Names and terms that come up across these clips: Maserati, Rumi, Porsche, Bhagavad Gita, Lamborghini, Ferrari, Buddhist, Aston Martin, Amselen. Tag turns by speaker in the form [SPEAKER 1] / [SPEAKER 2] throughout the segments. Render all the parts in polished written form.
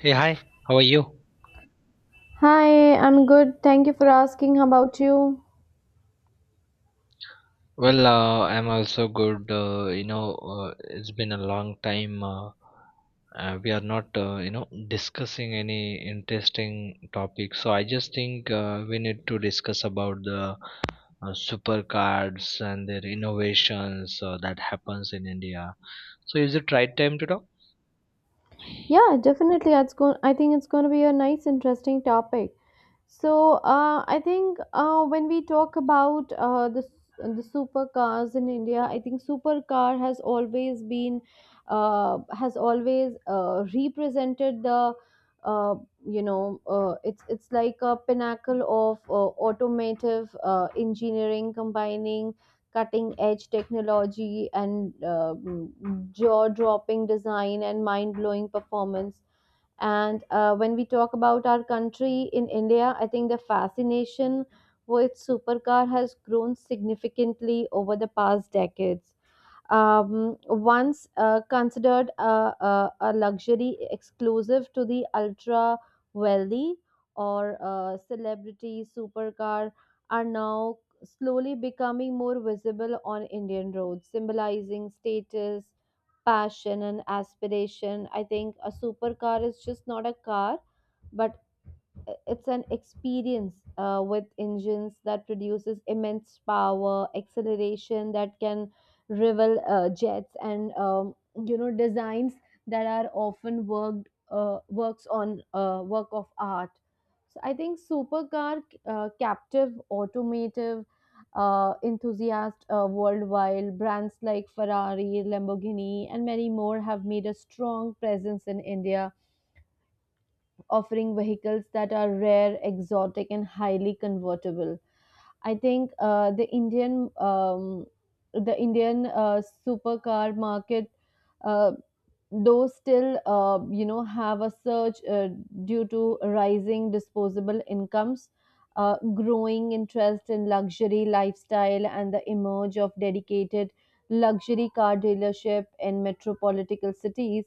[SPEAKER 1] Hey, hi, how are you?
[SPEAKER 2] Hi, I'm good. Thank you for asking. How about you?
[SPEAKER 1] I'm also good. It's been a long time. We are not, discussing any interesting topic. So I just think we need to discuss about the super cards and their innovations that happens in India. So is it right time to talk?
[SPEAKER 2] Yeah, definitely. It's going. I think it's going to be a nice, interesting topic. So I think when we talk about the supercars in India, I think supercar has always been has always represented the uh, it's like a pinnacle of automotive engineering, combining cutting edge technology and jaw dropping design and mind blowing performance. And when we talk about our country in India, I think the fascination with supercar has grown significantly over the past decades. Once considered a luxury exclusive to the ultra wealthy or celebrity supercar, are now slowly becoming more visible on Indian roads, symbolizing status, passion, and aspiration. I think a supercar is just not a car, but it's an experience with engines that produces immense power acceleration that can rival jets, and designs that are often worked works on work of art. So I think supercar captive automotive enthusiast worldwide brands like Ferrari, Lamborghini, and many more have made a strong presence in India, offering vehicles that are rare, exotic, and highly convertible. I think the Indian supercar market uh, those still have a surge due to rising disposable incomes, growing interest in luxury lifestyle, and the emerge of dedicated luxury car dealership in metropolitan cities.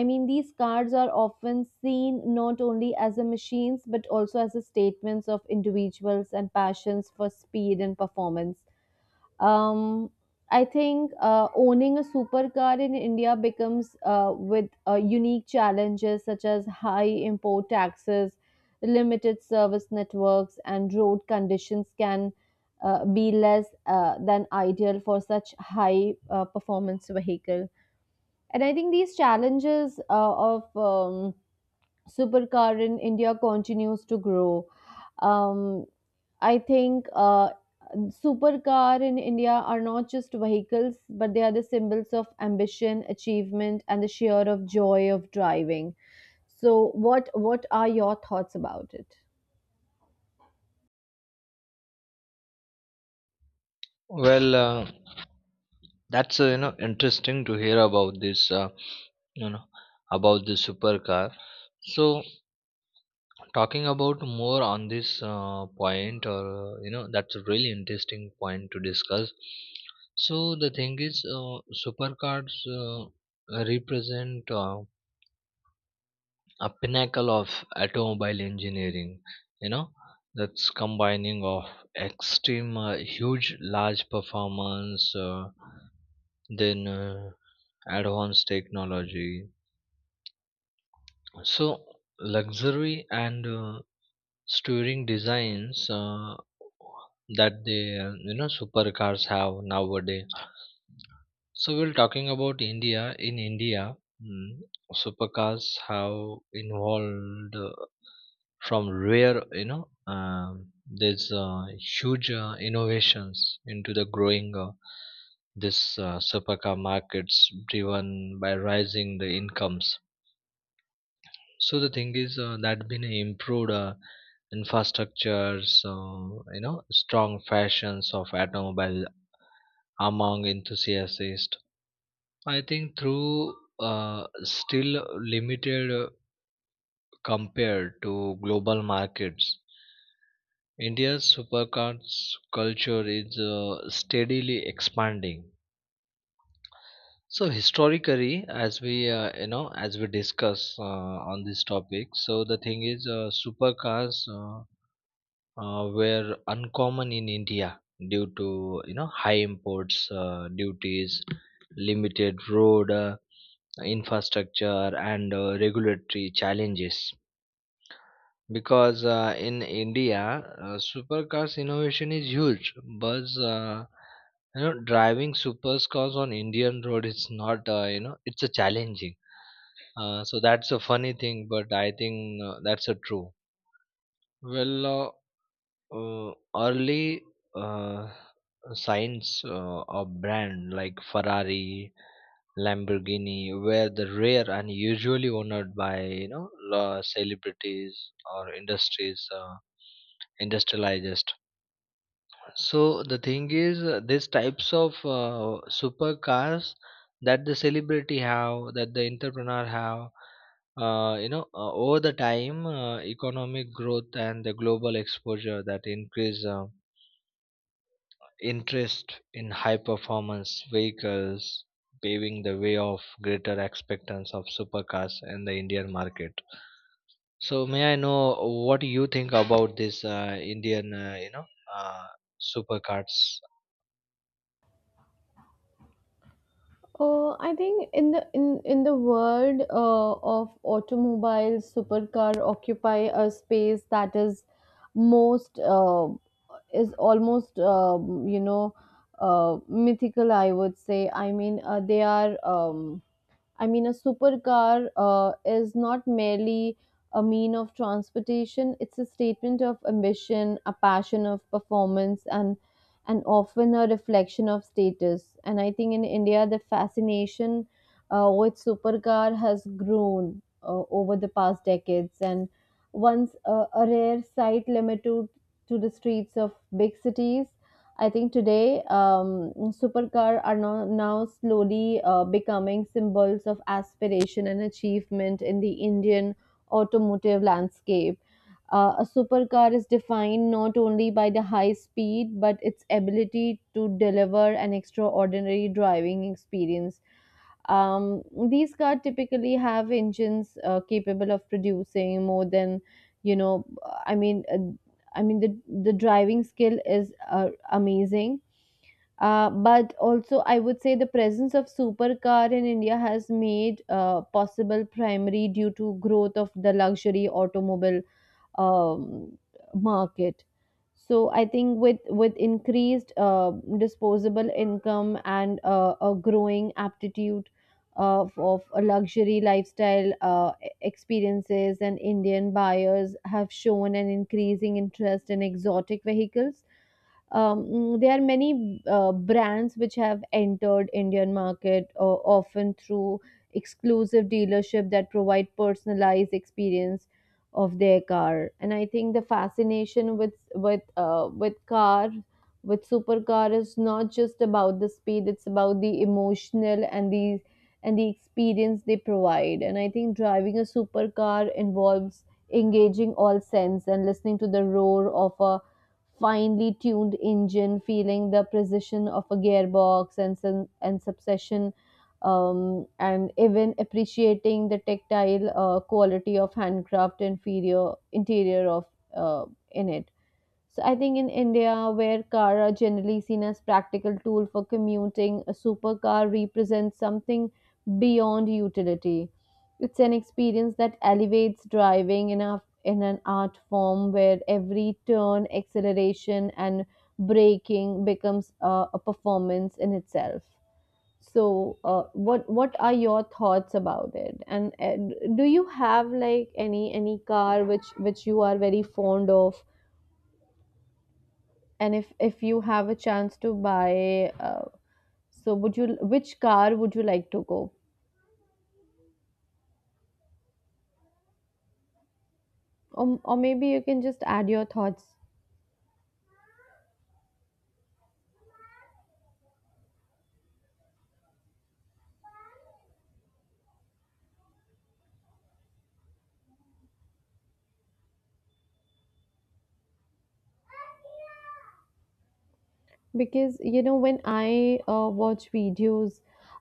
[SPEAKER 2] I mean, these cars are often seen not only as a machines but also as a statements of individuals and passions for speed and performance. um, I think owning a supercar in India becomes with unique challenges such as high import taxes, limited service networks, and road conditions can be less than ideal for such high performance vehicle. And I think these challenges of supercar in India continues to grow. Um, I think supercar in India are not just vehicles, but they are the symbols of ambition, achievement, and the sheer of joy of driving. So, what are your thoughts about it?
[SPEAKER 1] Well, uh, that's interesting to hear about this. You know about the supercar, so talking about more on this point, or you know that's a really interesting point to discuss. So the thing is, supercars uh, represent a pinnacle of automobile engineering, you know, that's combining of extreme, huge, large performance, then advanced technology, so luxury and touring designs that the supercars have nowadays. So we're talking about India. In India, mm, supercars have involved, from rare, you know there's huge innovations into the growing, this supercar markets driven by rising the incomes. So the thing is, that been improved. Infrastructure, so you know, strong fashions of automobile among enthusiasts. I think through, still limited compared to global markets, India's supercars culture is steadily expanding. So historically, as we as we discuss on this topic, so the thing is, supercars were uncommon in India due to, you know, high imports duties, limited road infrastructure, and regulatory challenges. Because in India, supercars innovation is huge, but driving supercars on Indian road is not, it's a challenging. So that's a funny thing, but I think that's a true. Well, uh, Early uh, signs of brand like Ferrari, Lamborghini were the rare and usually owned by, you know, celebrities or industries, industrialized. So the thing is, these types of supercars that the celebrity have, that the entrepreneur have, over the time, economic growth and the global exposure that increase interest in high performance vehicles, paving the way of greater acceptance of supercars in the Indian market. So may I know what you think about this Indian, uh, supercars?
[SPEAKER 2] I think in the world of automobiles, supercar occupy a space that is most is almost mythical, I would say. I mean, they are. I mean, a supercar is not merely a mean of transportation, it's a statement of ambition, a passion of performance, and often a reflection of status. And I think in India, the fascination with supercar has grown over the past decades. And once a rare sight limited to the streets of big cities, I think today, supercar are now slowly becoming symbols of aspiration and achievement in the Indian automotive landscape. A supercar is defined not only by the high speed but its ability to deliver an extraordinary driving experience. Um, these cars typically have engines capable of producing more than, you know, I mean, uh, I mean the the driving skill is amazing. But also, I would say the presence of supercar in India has made possible primary due to growth of the luxury automobile um, market. So I think with increased disposable income and a growing aptitude of a luxury lifestyle experiences, and Indian buyers have shown an increasing interest in exotic vehicles. There are many brands which have entered Indian market, often through exclusive dealership that provide personalized experience of their car. And I think the fascination with supercar is not just about the speed, it's about the emotional and the experience they provide. And I think driving a supercar involves engaging all sense and listening to the roar of a finely tuned engine, feeling the precision of a gearbox and some, and subsession, and even appreciating the tactile quality of handcraft interior of uh, in it. So I think in India, where car are generally seen as practical tool for commuting, a supercar represents something beyond utility. It's an experience that elevates driving in a in an art form where every turn, acceleration, and braking becomes a performance in itself. So, what are your thoughts about it? And do you have like any car which you are very fond of? And if you have a chance to buy, so would you which car would you like to go? Or maybe you can just add your thoughts, because you know when I watch videos,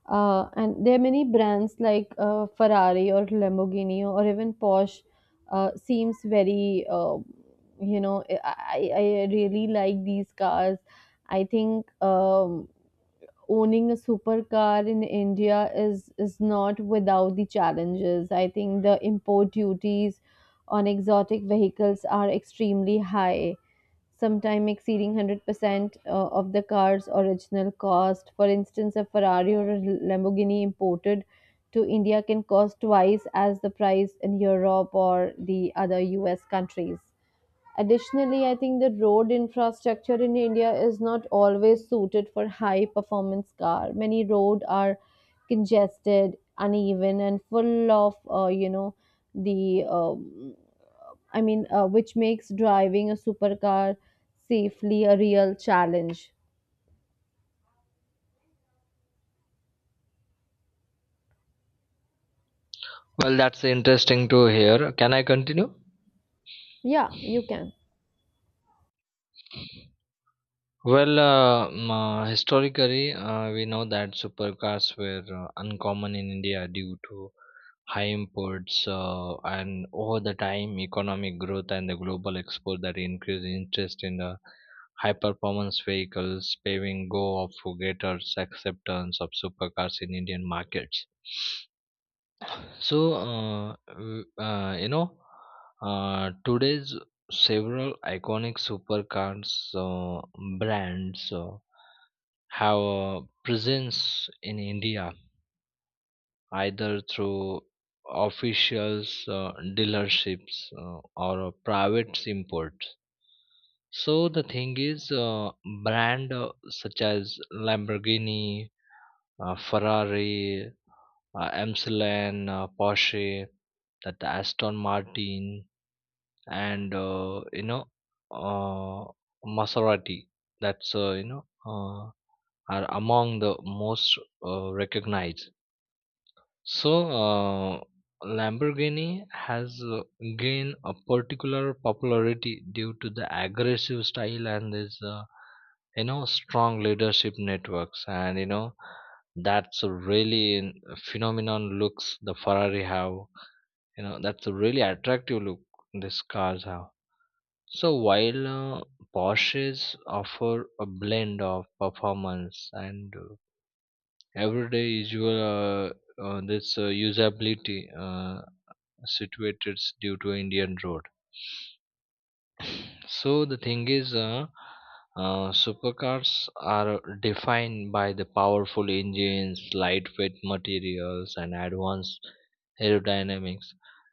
[SPEAKER 2] and there are many brands like Ferrari or Lamborghini or even Porsche, seems very you know I really like these cars. I think um owning a supercar in India is not without the challenges. I think the import duties on exotic vehicles are extremely high, sometimes exceeding 100% of the car's original cost. For instance, a Ferrari or a Lamborghini imported to India can cost twice as the price in Europe or the other US countries. Additionally, I think the road infrastructure in India is not always suited for high performance car. Many roads are congested, uneven, and full of the um which makes driving a supercar safely a real challenge.
[SPEAKER 1] Well, that's interesting to hear. Can I continue?
[SPEAKER 2] Yeah, you can.
[SPEAKER 1] Historically, we know that supercars were uncommon in India due to high imports, and over the time economic growth and the global export that increased interest in the high performance vehicles, paving go of for greater acceptance of supercars in Indian markets. So, today's several iconic supercars brands have a presence in India either through officials, dealerships, or private imports. So the thing is, brand such as Lamborghini, Ferrari, Amselen, Porsche, that the Aston Martin, and uh, Maserati. That's are among the most recognized. So, Lamborghini has gained a particular popularity due to the aggressive style and this, strong leadership networks. And you know, that's a really phenomenon looks the Ferrari have. You know, that's a really attractive look these cars have. So while Porsches offer a blend of performance and everyday usual this usability situated due to Indian road. So the thing is, supercars are defined by the powerful engines, lightweight materials, and advanced aerodynamics.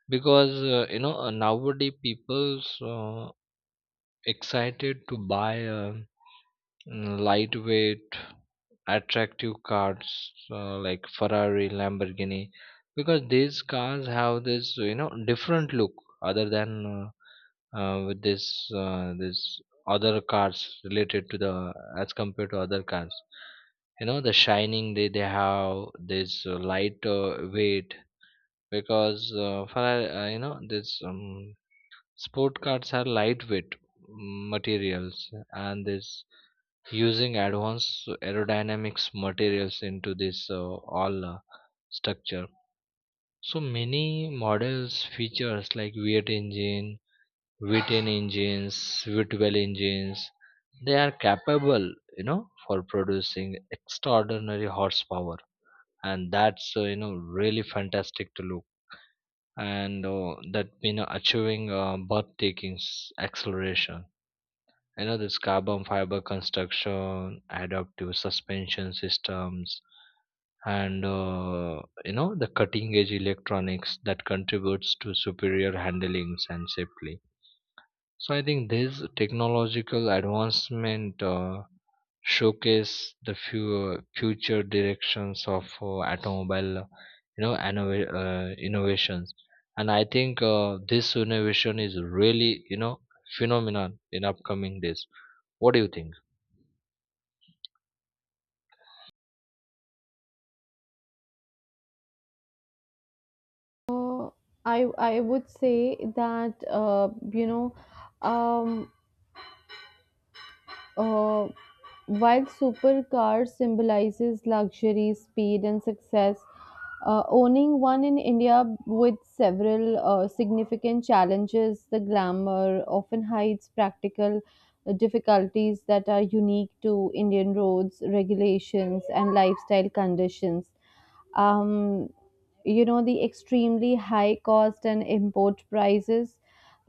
[SPEAKER 1] Because nowadays people's excited to buy a lightweight attractive cars like Ferrari, Lamborghini, because these cars have this, you know, different look other than with this this other cars related to the, as compared to other cars. You know the shining, they have this light weight, because Ferrari, you know this sport cars are lightweight materials and this using advanced aerodynamics materials into this all structure. So many models features like V8 engine, V10 engines, V12 engines. They are capable, you know, for producing extraordinary horsepower, and that's really fantastic to look, and that, you know, achieving birth takings acceleration, you know, this carbon fiber construction, adaptive suspension systems, and the cutting edge electronics that contributes to superior handlings and safely. So I think this technological advancement showcase the few future directions of automobile, innovations. And I think this innovation is really, you know, phenomenon in upcoming days. What do you think?
[SPEAKER 2] Uh, I I would say that um, Uh, while supercar symbolizes luxury, speed, and success, owning one in India with several significant challenges, the glamour often hides practical difficulties that are unique to Indian roads, regulations, and lifestyle conditions. Um, the extremely high cost and import prices.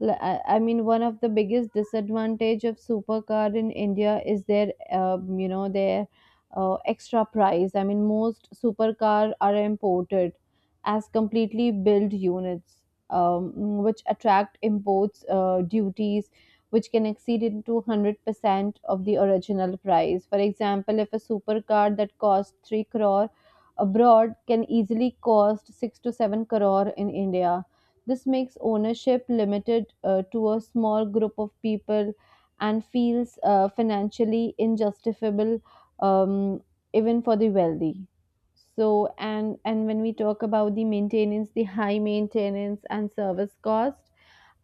[SPEAKER 2] I mean, one of the biggest disadvantage of supercar in India is their their extra price. I mean, most supercar are imported as completely built units, um, which attract imports duties which can exceed into 100% of the original price. For example, if a supercar that costs 3 crore abroad can easily cost 6 to 7 crore in India. This makes ownership limited to a small group of people and feels financially injustifiable, um, even for the wealthy. So, and when we talk about the maintenance, the high maintenance and service cost,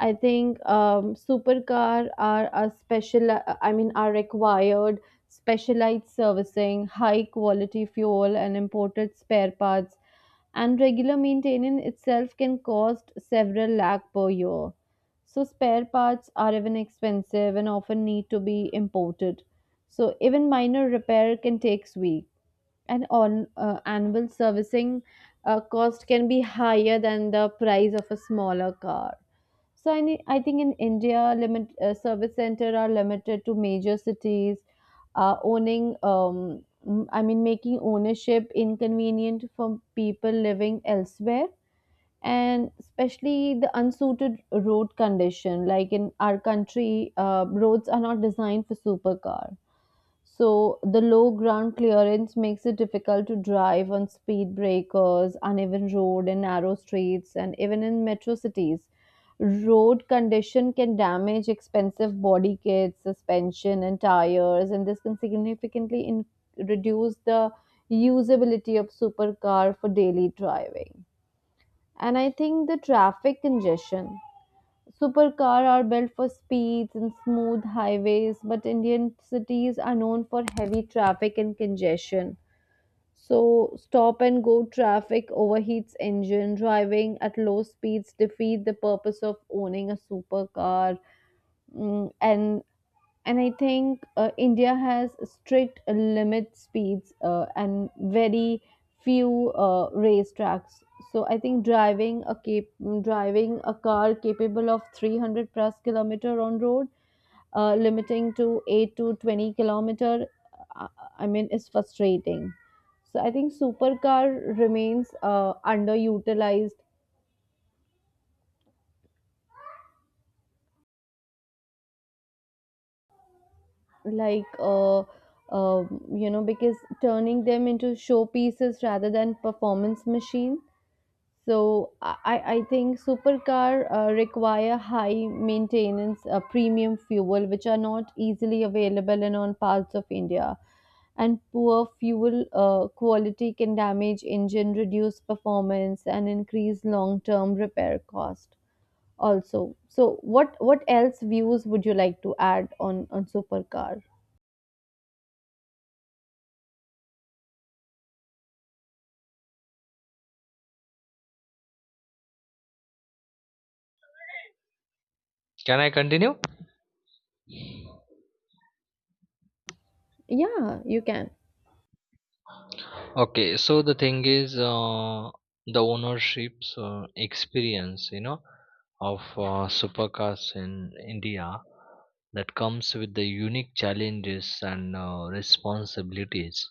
[SPEAKER 2] I think supercar are a special. I mean, are required specialized servicing, high quality fuel, and imported spare parts. And regular maintenance itself can cost several lakh per year. So spare parts are even expensive and often need to be imported. So even minor repair can take weeks. And on annual servicing cost can be higher than the price of a smaller car. So I, I think in India, limit service center are limited to major cities. Owning, I mean, making ownership inconvenient for people living elsewhere, and especially the unsuited road condition. Like in our country, roads are not designed for supercar. So the low ground clearance makes it difficult to drive on speed breakers, uneven road and narrow streets, and even in metro cities. Road condition can damage expensive body kits, suspension, and tires, and this can significantly reduce the usability of supercar for daily driving. And I think the traffic congestion, supercar are built for speeds and smooth highways, but Indian cities are known for heavy traffic and congestion. So, stop and go traffic overheats engine. Driving at low speeds defeat the purpose of owning a supercar. And I think India has strict limit speeds and very few race tracks. So I think driving a car capable of 300 plus kilometer on road limiting to 8 to 20 kilometer, uh, I mean, is frustrating. So I think supercar remains underutilized, like uh, uh, because turning them into showpieces rather than performance machine. I think supercar require high maintenance premium fuel which are not easily available in on parts of India, and poor fuel quality can damage engine, reduce performance, and increase long term repair cost also. So what else views would you like to add on supercar?
[SPEAKER 1] Can I continue?
[SPEAKER 2] Yeah, you can.
[SPEAKER 1] Okay, so the thing is, the ownership's experience, you know, of supercars in India, that comes with the unique challenges and responsibilities,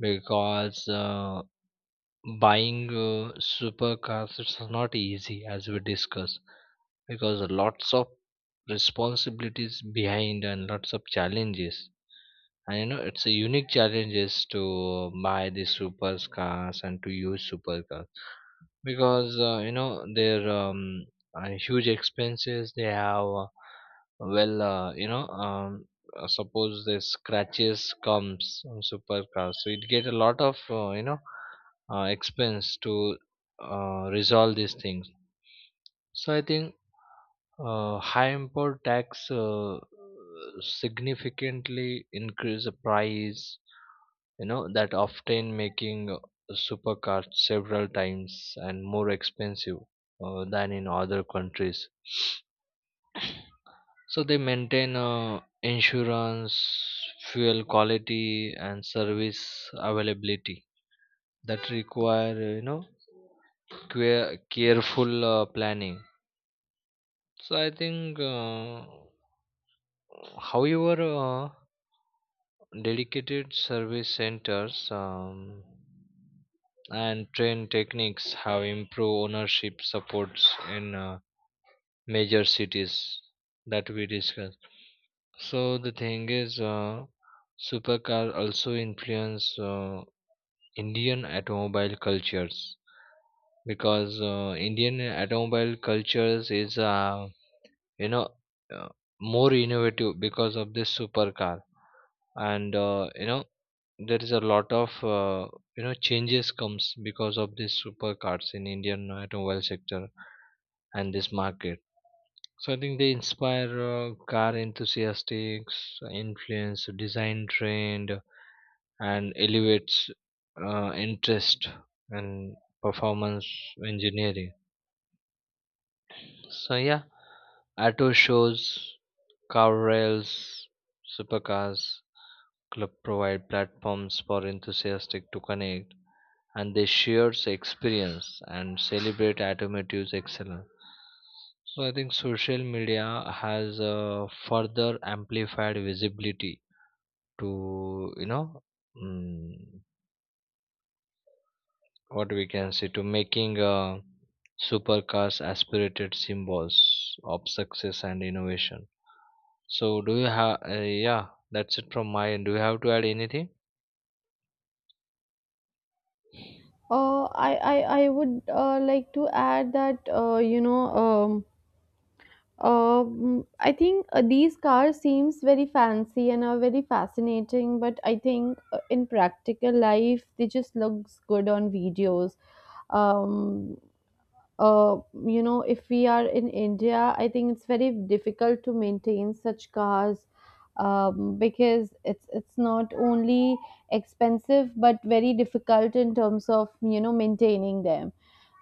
[SPEAKER 1] because buying supercars, it's not easy as we discussed, because lots of responsibilities behind and lots of challenges, and you know, it's a unique challenges to buy the supercars and to use supercars, because their huge expenses they have. Well uh, you know um, Suppose the scratches comes on supercars, so it get a lot of expense to resolve these things. So I think high import tax significantly increase the price. You know, that often making supercars several times and more expensive than in other countries. So they maintain insurance, fuel quality, and service availability that require, careful planning. So I think, however dedicated service centers and train techniques have improved ownership supports in major cities that we discussed. So the thing is, supercar also influence Indian automobile cultures, because Indian automobile cultures is you know uh, more innovative because of this supercar, and, you know, there is a lot of changes comes because of these supercars in Indian automobile sector and this market. So I think they inspire car enthusiasts, influence design trend, and elevates interest and performance engineering. So yeah, auto shows, car rails, supercars club provide platforms for enthusiasts to connect, and they share experience and celebrate automotive excellence. So I think social media has further amplified visibility to, you know, mm, what we can say, to making supercars aspirated symbols of success and innovation. So do you have? Yeah, that's it from my end. Do you have to add anything?
[SPEAKER 2] Uh, I, I, I would like to add that I think these cars seems very fancy and are very fascinating, but I think in practical life they just looks good on videos. Um, uh, if we are in India, I think it's very difficult to maintain such cars, because it's not only expensive but very difficult in terms of you know maintaining them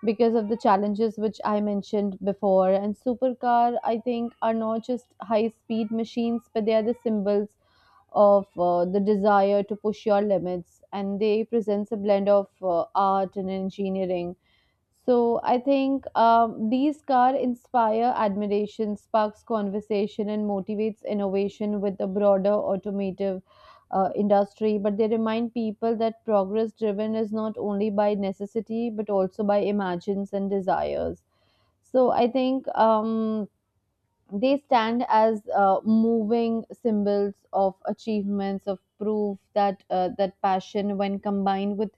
[SPEAKER 2] because of the challenges which I mentioned before. And supercar, I think, are not just high speed machines, but they are the symbols of the desire to push your limits, and they presents a blend of art and engineering. So I think these car inspire admiration, sparks conversation, and motivates innovation with a broader automotive industry. But they remind people that progress driven is not only by necessity but also by imagines and desires. So I think they stand as moving symbols of achievements of proof that passion when combined with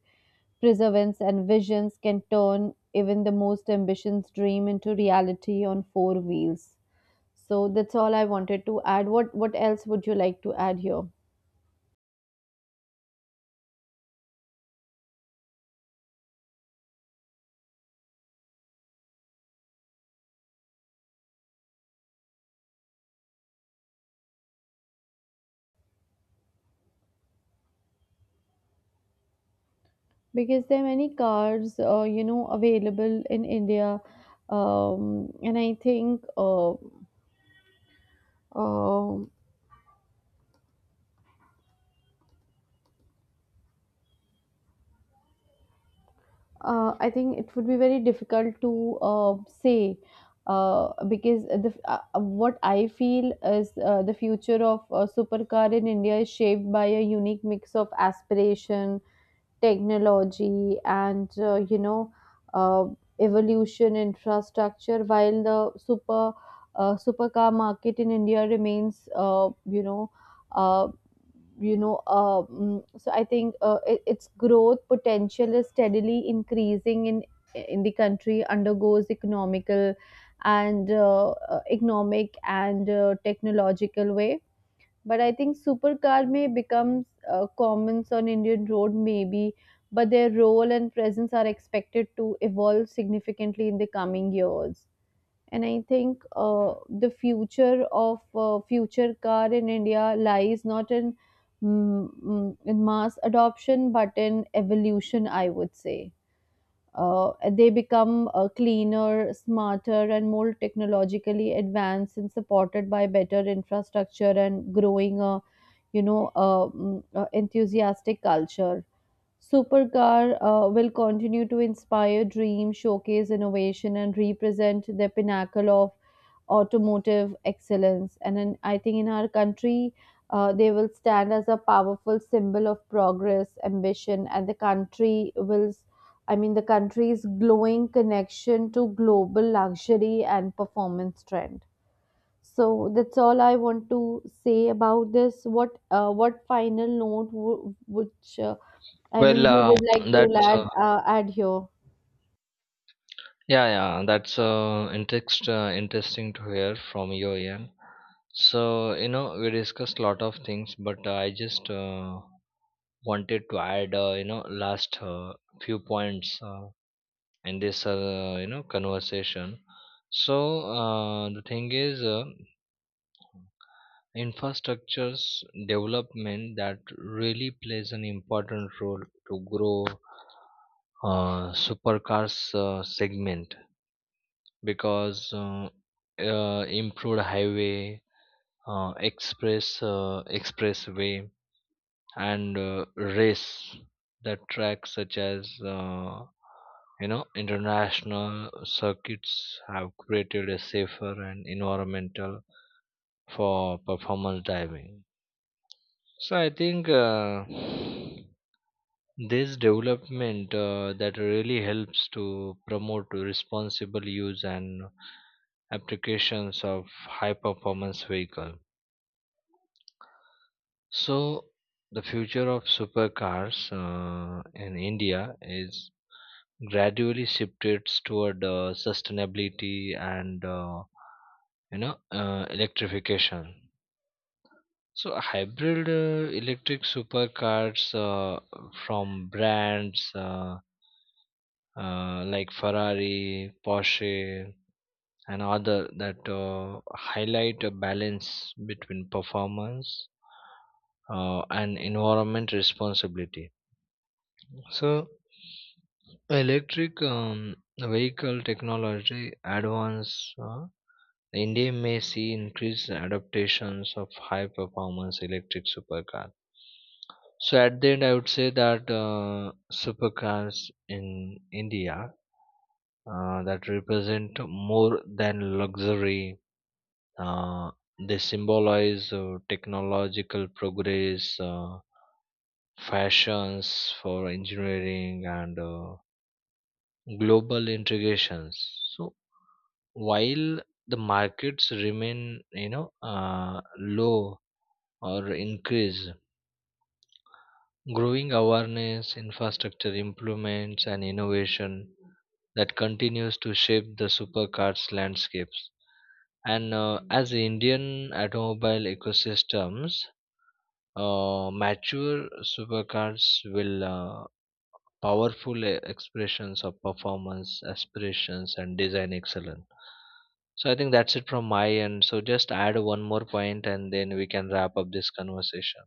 [SPEAKER 2] perseverance and visions can turn even the most ambitious dream into reality on four wheels. So that's all I wanted to add. What else would you like to add here? Because there are many cars available in India, and I think um I think it would be very difficult to say, because the what I feel is the future of supercar in India is shaped by a unique mix of aspiration, technology, and uh, evolution infrastructure. While the supercar market in India remains you know uh, so I think it, its growth potential is steadily increasing in the country undergoes economical and economic and technological way. But I think supercar may becomes common on Indian road maybe, but their role and presence are expected to evolve significantly in the coming years. And I think the future of future car in India lies not in in mass adoption but in evolution. I would say they become cleaner, smarter, and more technologically advanced, and supported by better infrastructure and growing a enthusiastic culture. Supercar will continue to inspire dreams, showcase innovation, and represent the pinnacle of automotive excellence. And I think in our country, they will stand as a powerful symbol of progress, ambition, and the country will, I mean, the country's glowing connection to global luxury and performance trend. So that's all I want to say about this. What final note which I mean
[SPEAKER 1] Well,
[SPEAKER 2] you
[SPEAKER 1] uh,
[SPEAKER 2] would like to
[SPEAKER 1] that's
[SPEAKER 2] add here?
[SPEAKER 1] yeah. That's interesting to hear from your end. So you know, we discussed a lot of things, but I just wanted to add, last few points in this, conversation. So the thing is. Infrastructures development that really plays an important role to grow supercars segment, because improved highway, expressway, and race the tracks, such as uh, international circuits, have created a safer and environmental for performance driving. So I think this development that really helps to promote responsible use and applications of high performance vehicle. So the future of supercars in India is gradually shifted toward sustainability and electrification. So hybrid electric supercars from brands, like Ferrari, Porsche, and other, that highlight a balance between performance and environment responsibility. So, electric vehicle technology advance. India may see increased adaptations of high performance electric supercar. So at the end, I would say that supercars in India, that represent more than luxury. Uh, they symbolize technological progress, fashions for engineering, and global integrations. So while the markets remain, you know, low or increase, growing awareness, infrastructure improvements, and innovation that continues to shape the supercars landscapes. And as the Indian automobile ecosystems mature, supercars will, powerful expressions of performance, aspirations, and design excellence. So I think that's it from my end. So just add one more point, and then we can wrap up this conversation.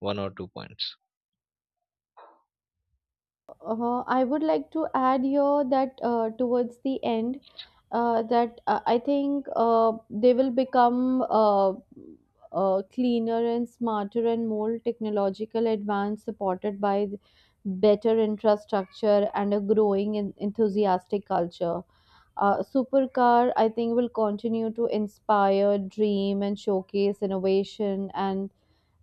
[SPEAKER 1] One or two points.
[SPEAKER 2] I would like to add here that towards the end, that I think they will become cleaner and smarter and more technological advanced, supported by better infrastructure and a growing and enthusiastic culture. Supercar, I think, will continue to inspire, dream, and showcase innovation and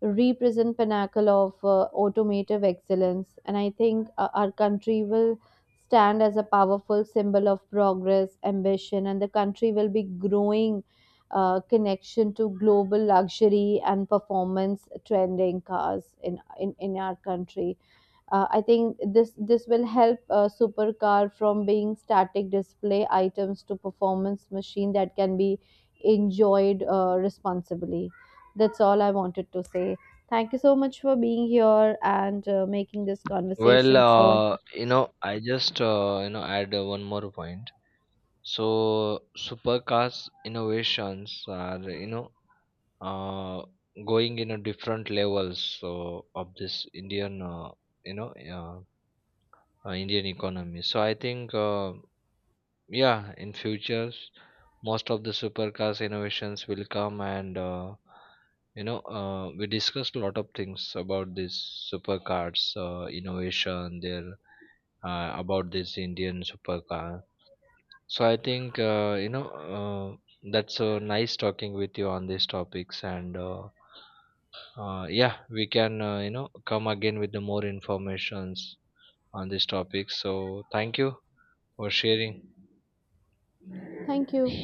[SPEAKER 2] represent pinnacle of automotive excellence. And I think our country will stand as a powerful symbol of progress, ambition, and the country will be growing connection to global luxury and performance trending cars in, our country. I think this will help supercar from being static display items to performance machine that can be enjoyed responsibly. That's all I wanted to say. Thank you so much for being here and making this conversation. So,
[SPEAKER 1] I just, add one more point. So supercars innovations are, you know, uh, going in a different levels, so of this Indian, you know uh, Indian economy. So I think. Yeah, in futures, most of the supercars innovations will come, and we discussed a lot of things about these supercars innovation there, about this Indian supercar. So I think, uh, that's nice talking with you on these topics, and yeah, we can, come again with the more informations on this topic. So thank you for sharing.
[SPEAKER 2] thank you.